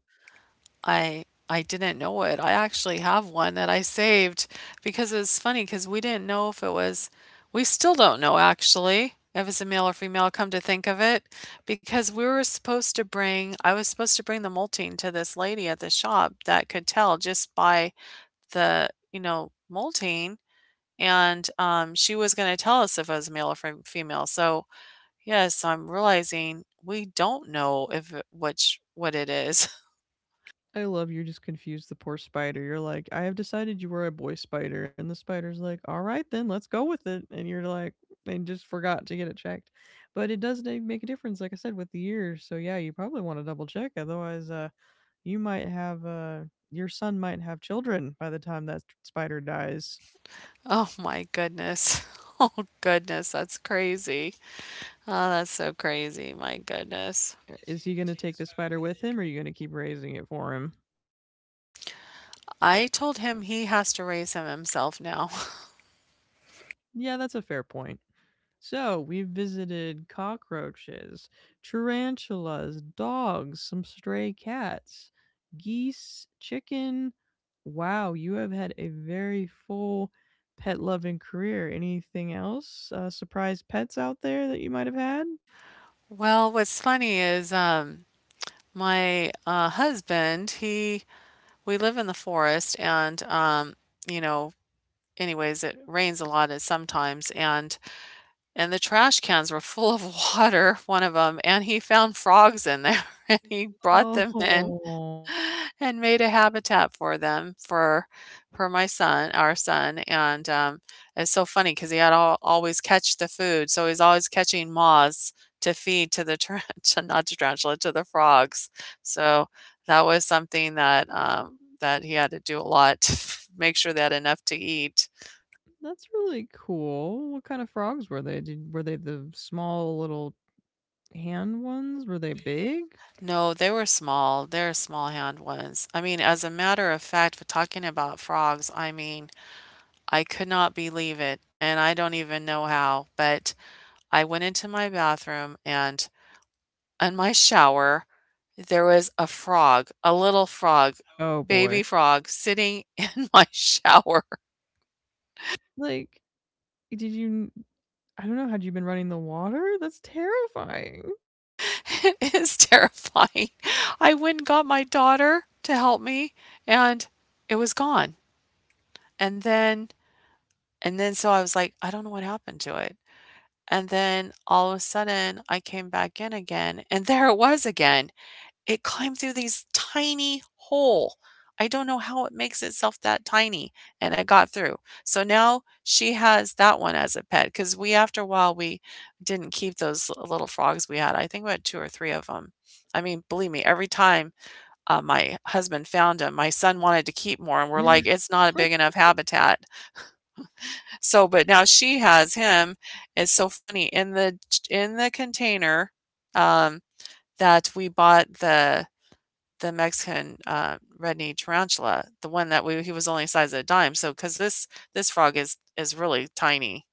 I didn't know it. I actually have one that I saved because it's funny. Because we didn't know if it was, we still don't know actually if it's a male or female, come to think of it, because we were supposed to bring, I was supposed to bring the molting to this lady at the shop that could tell just by the, you know, molting, and, she was gonna tell us if it was male or female, so, yes, I'm realizing we don't know if it which what it is.
I love you're just confused the poor spider. You're like, I have decided you were a boy spider. And the spider's like, all right, then let's go with it. And you're like, and just forgot to get it checked. But it does make a difference, like I said, with the years. So yeah, you probably want to double check. Otherwise, you might have, your son might have children by the time that spider dies.
Oh my goodness. Oh goodness, that's crazy. Oh, that's so crazy. My goodness.
Is he going to take the spider with him or are you going to keep raising it for him?
I told him he has to raise him himself now.
Yeah, that's a fair point. So we visited cockroaches, tarantulas, dogs, some stray cats, geese, chicken. Wow, you have had a very full pet loving career. Anything else? Surprise pets out there that you might have had?
Well, what's funny is my husband, he, we live in the forest and you know, anyways, it rains a lot at sometimes and the trash cans were full of water, one of them, and he found frogs in there and he brought them in
Oh,
and made a habitat for them for my son, our son, and it's so funny because he had all, always catch the food, so he's always catching moths to feed to the to not to tarantula to the frogs. So that was something that that he had to do a lot to make sure they had enough to eat.
that's really cool. What kind of frogs were they? Did, were they the small little hand ones? Were they big?
No, they were small. They're small hand ones. I mean, as a matter of fact, for talking about frogs, I mean, I could not believe it, and I don't even know how, but I went into my bathroom and in my shower, there was a frog, a little frog,
Oh boy.
baby frog, sitting in my shower.
Like, did you? I don't know, had you been running the water? That's terrifying.
It is terrifying. I went and got my daughter to help me, and it was gone. And then, and then, so I was like, I don't know what happened to it. And then all of a sudden, I came back in again, and there it was again. It climbed through these tiny hole. I don't know how it makes itself that tiny, and it got through. So now she has that one as a pet. Because we, after a while, we didn't keep those l little frogs we had. I think we had 2 or 3 of them. I mean, believe me, every time, my husband found them, my son wanted to keep more, and we're like, "It's not a big enough habitat." So but now she has him. It's so funny. In the container, um, that we bought the Mexican, red-knee tarantula, the one that we, he was only the size of a dime. So, because this frog is really tiny.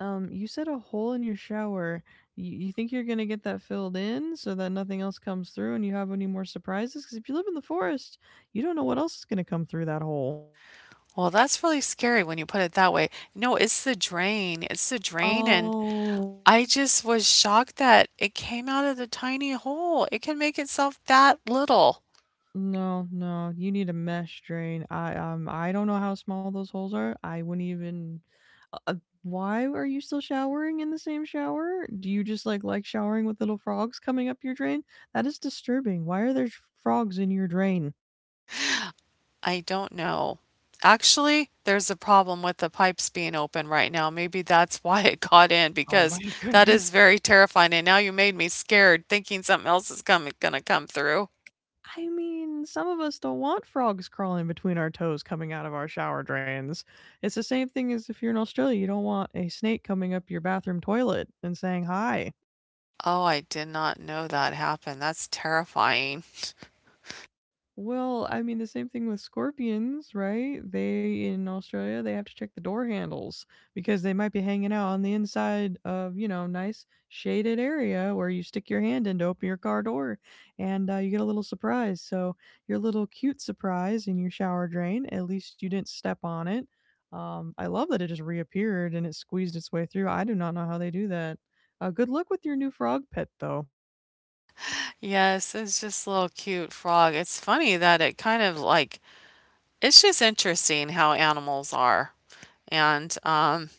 You said a hole in your shower. You think you're gonna get that filled in so that nothing else comes through and you have any more surprises? Because if you live in the forest, you don't know what else is gonna come through that hole.
Well, that's really scary when you put it that way. No, it's the drain, and
Oh.
I just was shocked that it came out of the tiny hole. It can make itself that little.
No, no, you need a mesh drain. I don't know how small those holes are. I wouldn't even uh, uh, why are you still showering in the same shower? Do you just like showering with little frogs coming up your drain? That is disturbing. Why are there frogs in your drain?
I don't know. Actually, there's a problem with the pipes being open right now. Maybe that's why it got in
Oh
because
my
that
goodness.
is very terrifying. And now you made me scared thinking something else is coming gonna come through.
I mean, some of us don't want frogs crawling between our toes coming out of our shower drains. It's the same thing as if you're in Australia, you don't want a snake coming up your bathroom toilet and saying hi.
Oh, I did not know that happened. That's terrifying.
Well, I mean, the same thing with scorpions, right? They in Australia, they have to check the door handles because they might be hanging out on the inside of, you know, nice shaded area where you stick your hand in to open your car door and you get a little surprise. So, your little cute surprise in your shower drain, at least you didn't step on it. I love that it just reappeared and it squeezed its way through. I do not know how they do that. Good luck with your new frog pet, though.
Yes, it's just a little cute frog. It's funny that it kind of like it's just interesting how animals are and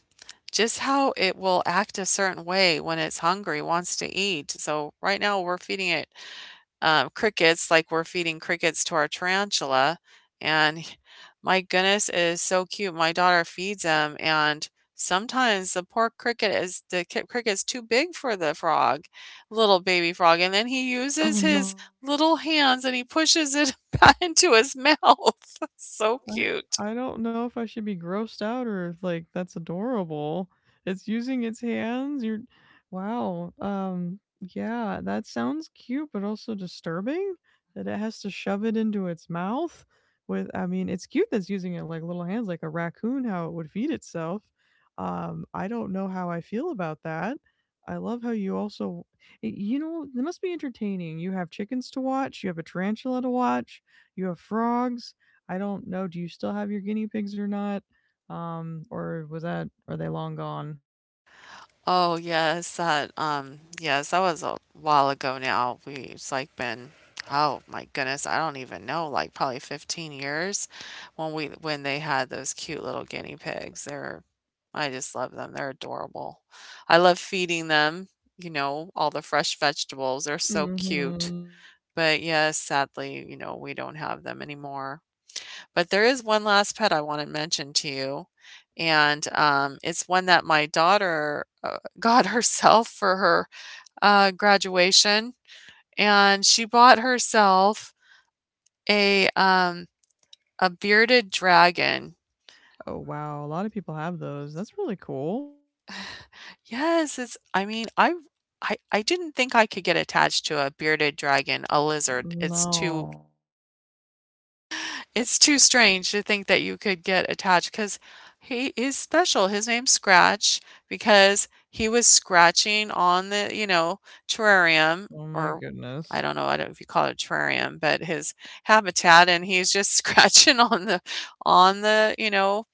just how it will act a certain way when it's hungry, wants to eat. So right now we're feeding it crickets, like we're feeding crickets to our tarantula. And my goodness, it is so cute. My daughter feeds them, and sometimes the poor cricket is the cricket's too big for the frog, little baby frog, and then he uses
Oh no.
his little hands and he pushes it back into his mouth. So
I
cute.
I don't know if I should be grossed out or if, like, that's adorable. It's using its hands, you're wow, yeah, that sounds cute, but also disturbing that it has to shove it into its mouth with I mean, it's cute that's using it like little hands, like a raccoon, how it would feed itself. I don't know how I feel about that. I love how you also y you know, it must be entertaining. You have chickens to watch, you have a tarantula to watch, you have frogs, I don't know, do you still have your guinea pigs or not? Or was that are they long gone?
Oh yes, that yes, that was a while ago now. We it's like been, oh my goodness, I don't even know, like probably 15 years when we, when they had those cute little guinea pigs. They're, I just love them. They're adorable. I love feeding them, you know, all the fresh vegetables. They're so cute.
Mhm.
But yes, sadly, you know, we don't have them anymore. But there is one last pet I wanna mention to you, and, it's one that my daughter, got herself for her, graduation, and she bought herself a, um, a bearded dragon.
Oh, wow, a lot of people have those. That's really cool.
Yes, it's, I mean, I didn't think I could get attached to a bearded dragon, a lizard. It's
No.
too, it's too strange to think that you could get attached because he is special. His name's Scratch because he was scratching on the, you know, terrarium
Oh my
or, I
goodness.
don't know, I don't, if you call it a terrarium, but his habitat, and he's just scratching on the, you know,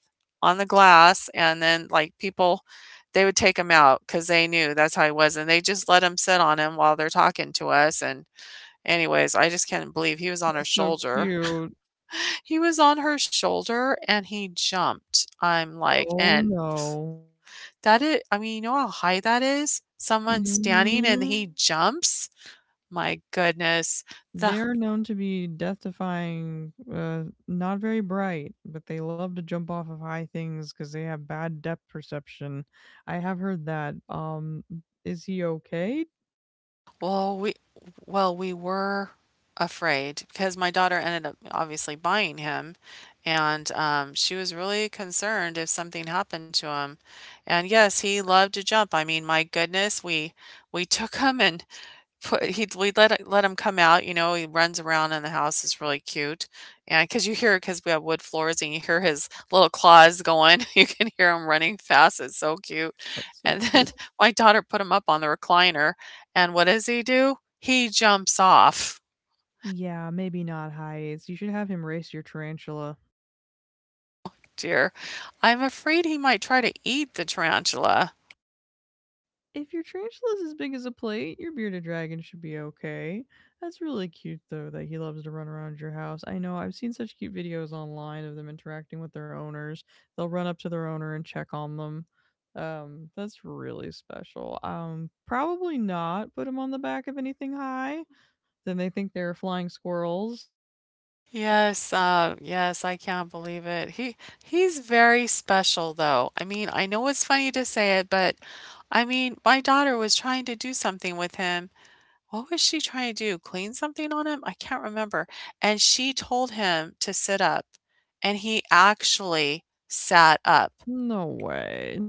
on the glass, and then like people, they would take him out because they knew that's how he was, and they just let him sit on him while they're talking to us. And anyways, I just can't believe he was on her
That's so
shoulder.
cute.
He was on her shoulder and he jumped. I'm like,
Oh,
and
no.
that is, I mean, you know how high that is? Someone standing and
Mhm.
he jumps? My goodness. The,
They're known to be death-defying, not very bright, but they love to jump off of high things because they have bad depth perception. I have heard that. Is he okay?
well, we, well, we were afraid because my daughter ended up obviously buying him and she was really concerned if something happened to him, and yes, he loved to jump. I mean, my goodness, we took him and put he'd we let it, let him come out, you know, he runs around in the house, it's really cute, and because you hear, because we have wood floors, and you hear his little claws going, you can hear him running fast, it's so cute,
That's so
and then
cute.
my daughter put him up on the recliner, and what does he do? He jumps off,
Yeah, maybe not heights. You should have him race your tarantula.
dear. I'm afraid he might try to eat the tarantula.
If your tarantula's as big as a plate, your bearded dragon should be okay. That's really cute though that he loves to run around your house. I know, I've seen such cute videos online of them interacting with their owners. They'll run up to their owner and check on them. That's really special. Probably not put him on the back of anything high. Then they think they're flying squirrels.
Yes, yes, I can't believe it. He, he's very special though. I mean, I know it's funny to say it, but I mean, my daughter was trying to do something with him. What was she trying to do? Clean something on him? I can't remember. And she told him to sit up, and he actually sat up.
No way.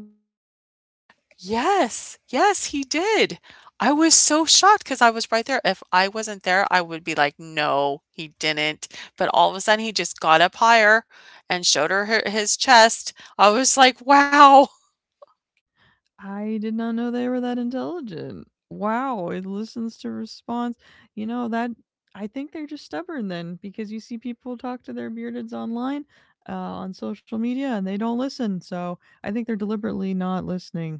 Yes, yes, he did. I was so shocked because I was right there. If I wasn't there, I would be like, no, he didn't. But all of a sudden, he just got up higher and showed her his chest. I was like, wow.
I did not know they were that intelligent. Wow, it listens to response. You know, that I think they're just stubborn then because you see people talk to their beardeds online, on social media, and they don't listen. So I think they're deliberately not listening.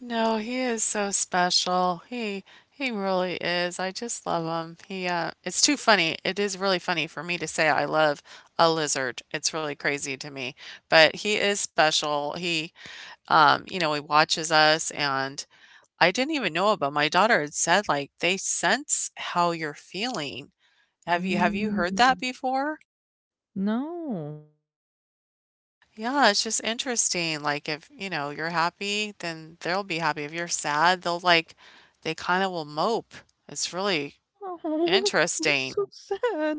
No, he is so special. He really is. I just love him. He it's too funny. It is really funny for me to say I love a lizard. It's really crazy to me. But he is special. He you know, he watches us and I didn't even know it, but my daughter had said, like, "They sense how you're feeling." Have you heard
Mm.
that before?
No.
Yeah, it's just interesting, like, if, you know, you're happy, then they'll be happy. If you're sad, they'll, like, they kinda will mope. It's really
Oh,
interesting.
that's so sad.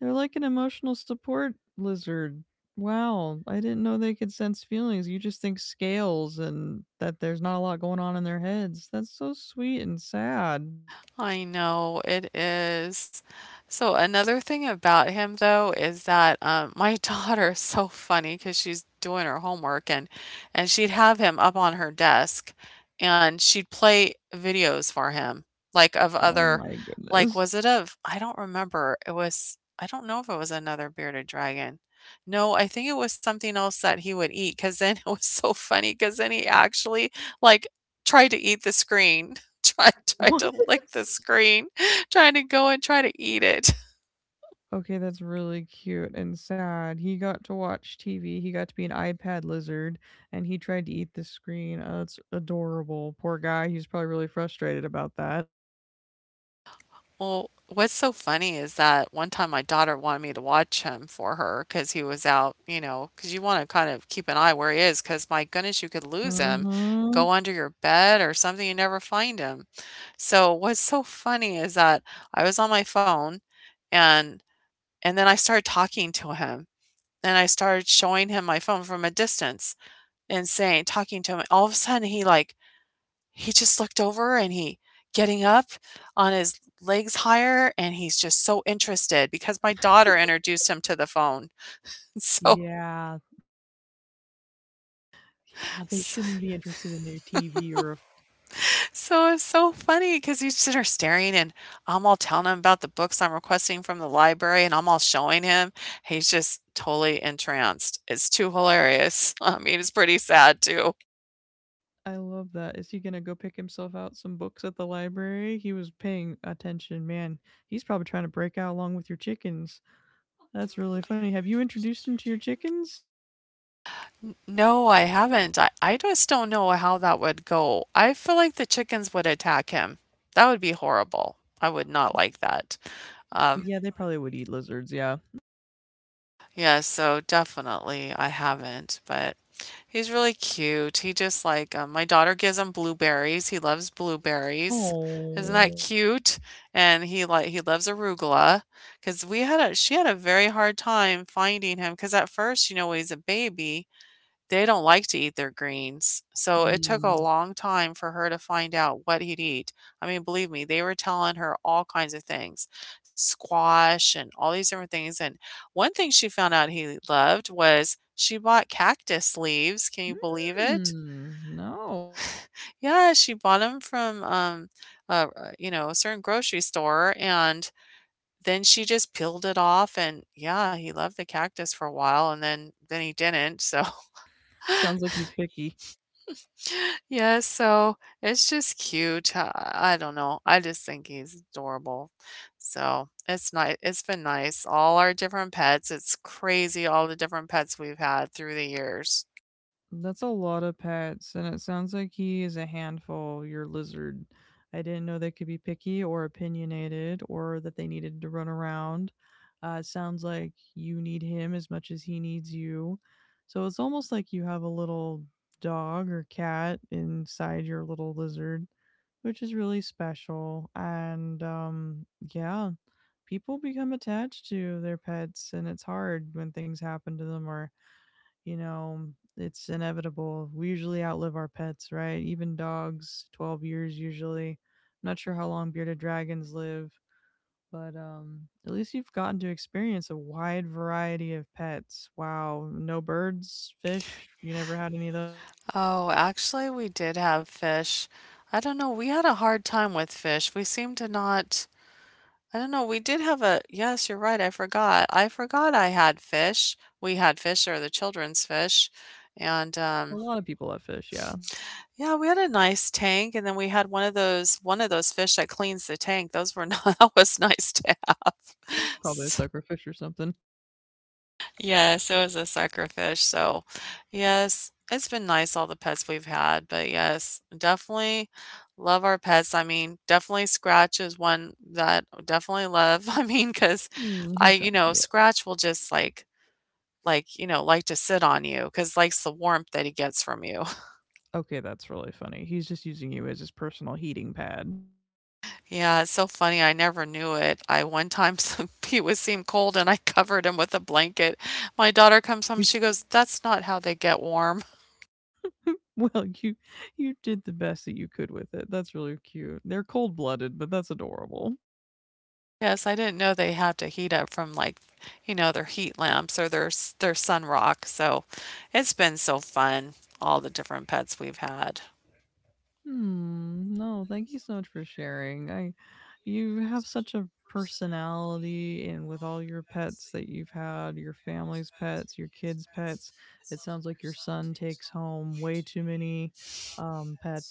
They're like an emotional support lizard. Wow, I didn't know they could sense feelings. You just think scales and that there's not a lot going on in their heads. That's so sweet and sad.
I know it is. So another thing about him though is that my daughter is so funny because she's doing her homework and she'd have him up on her desk and she'd play videos for him like of
Oh
other,
my
like
goodness.
was it of, I don't remember, it was, I don't know if it was another bearded dragon. No, I think it was something else that he would eat because then it was so funny because then he actually like tried to eat the screen. Try
What?
to lick the screen, trying to go and try to eat it.
Okay, that's really cute and sad. He got to watch TV. He got to be an iPad lizard and he tried to eat the screen. Oh, that's adorable. Poor guy. He's probably really frustrated about that.
Well, what's so funny is that one time my daughter wanted me to watch him for her because he was out, you know, because you want to kind of keep an eye where he is because my goodness, you could lose him,
Mhm.
go under your bed or something, you never find him. So what's so funny is that I was on my phone and then I started talking to him and I started showing him my phone from a distance, and saying, talking to him. And all of a sudden, he like, he just looked over and he getting up on his legs higher and he's just so interested because my daughter introduced him to the phone. So,
Yeah. Yeah, they shouldn't be interested in your TV or a
so it's so funny because he's sitting there staring and I'm all telling him about the books I'm requesting from the library and I'm all showing him. He's just totally entranced. It's too hilarious. I mean, it's pretty sad too.
I love that. Is he gonna go pick himself out some books at the library? He was paying attention. Man, he's probably trying to break out along with your chickens. That's really funny. Have you introduced him to your chickens?
N- No, I haven't. I just don't know how that would go. I feel like the chickens would attack him. That would be horrible. I would not like that. Um,
Yeah, they probably would eat lizards, yeah.
yeah, so definitely I haven't, but he's really cute. He just like my daughter gives him blueberries. He loves blueberries. Isn't
Oh.
that cute? And he loves arugula because we had a she had a very hard time finding him because at first, you know, he's a baby. They don't like to eat their greens, so it took a
Mm.
long time for her to find out what he'd eat. I mean, believe me, they were telling her all kinds of things, squash and all these different things. And one thing she found out he loved was she bought cactus leaves. Can you believe it?
Mm. No.
Yeah, she bought them from you know, a certain grocery store, and then she just peeled it off. And yeah, he loved the cactus for a while, and then he didn't. So.
Sounds like he's picky.
Yeah, so it's just cute. I don't know. I just think he's adorable. So it's nice. It's been nice. All our different pets. It's crazy all the different pets we've had through the years.
That's a lot of pets, and it sounds like he is a handful, your lizard. I didn't know they could be picky or opinionated or that they needed to run around. It sounds like you need him as much as he needs you. So it's almost like you have a little dog or cat inside your little lizard, which is really special. And yeah, people become attached to their pets, and it's hard when things happen to them or you know, it's inevitable. We usually outlive our pets, right? Even dogs, 12 years usually. I'm not sure how long bearded dragons live, but at least you've gotten to experience a wide variety of pets. Wow, no birds, fish, you never had any of those?
Oh, actually, we did have fish. I don't know. We had a hard time with fish. We seemed to not. I don't know. We did have a. Yes, you're right. I forgot. I forgot I had fish. We had fish or the children's fish. And
A lot of people have fish, yeah.
yeah, we had a nice tank, and then we had one of those fish that cleans the tank. Those were not that was nice to have.
Probably a
S
suckerfish or something.
Yes, it was a sucker fish. So, yes, it's been nice, all the pets we've had, but yes, definitely love our pets. I mean, definitely Scratch is one that I definitely love. I mean, because
Mm,
I
he's
you
not.
know,
Yeah.
Scratch will just, you know, like to sit on you because likes the warmth that he gets from you.
Okay, that's really funny. He's just using you as his personal heating pad.
Yeah, it's so funny. I never knew it. I one time he was seemed cold and I covered him with a blanket. My daughter comes home,
He's
she goes, "That's not how they get warm."
well, you did the best that you could with it. That's really cute. They're cold-blooded, but that's adorable.
Yes, I didn't know they had to heat up from like, you know, their heat lamps or their sun rock. So, it's been so fun all the different pets we've had.
Hmm. No, thank you so much for sharing. I you have such a personality and with all your pets that you've had, your family's pets, your kids' pets, it sounds like your son takes home way too many pets.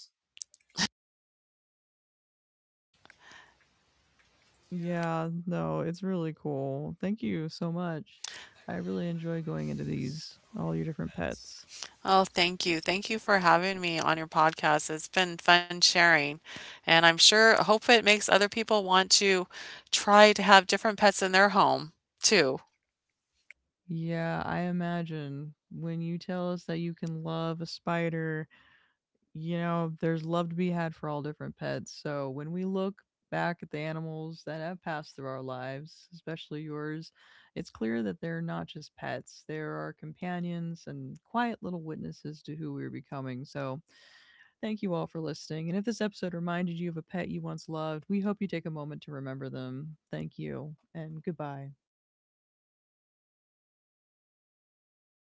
Yeah, no, it's really cool. Thank you so much. I really enjoy going into these all your different pets.
Oh, thank you. Thank you for having me on your podcast. It's been fun sharing. And I'm sure hope it makes other people want to try to have different pets in their home too.
Yeah, I imagine when you tell us that you can love a spider, you know, there's love to be had for all different pets. So when we look back at the animals that have passed through our lives, especially yours, it's clear that they're not just pets. They're our companions and quiet little witnesses to who we're becoming. So thank you all for listening. And if this episode reminded you of a pet you once loved, we hope you take a moment to remember them. Thank you and goodbye.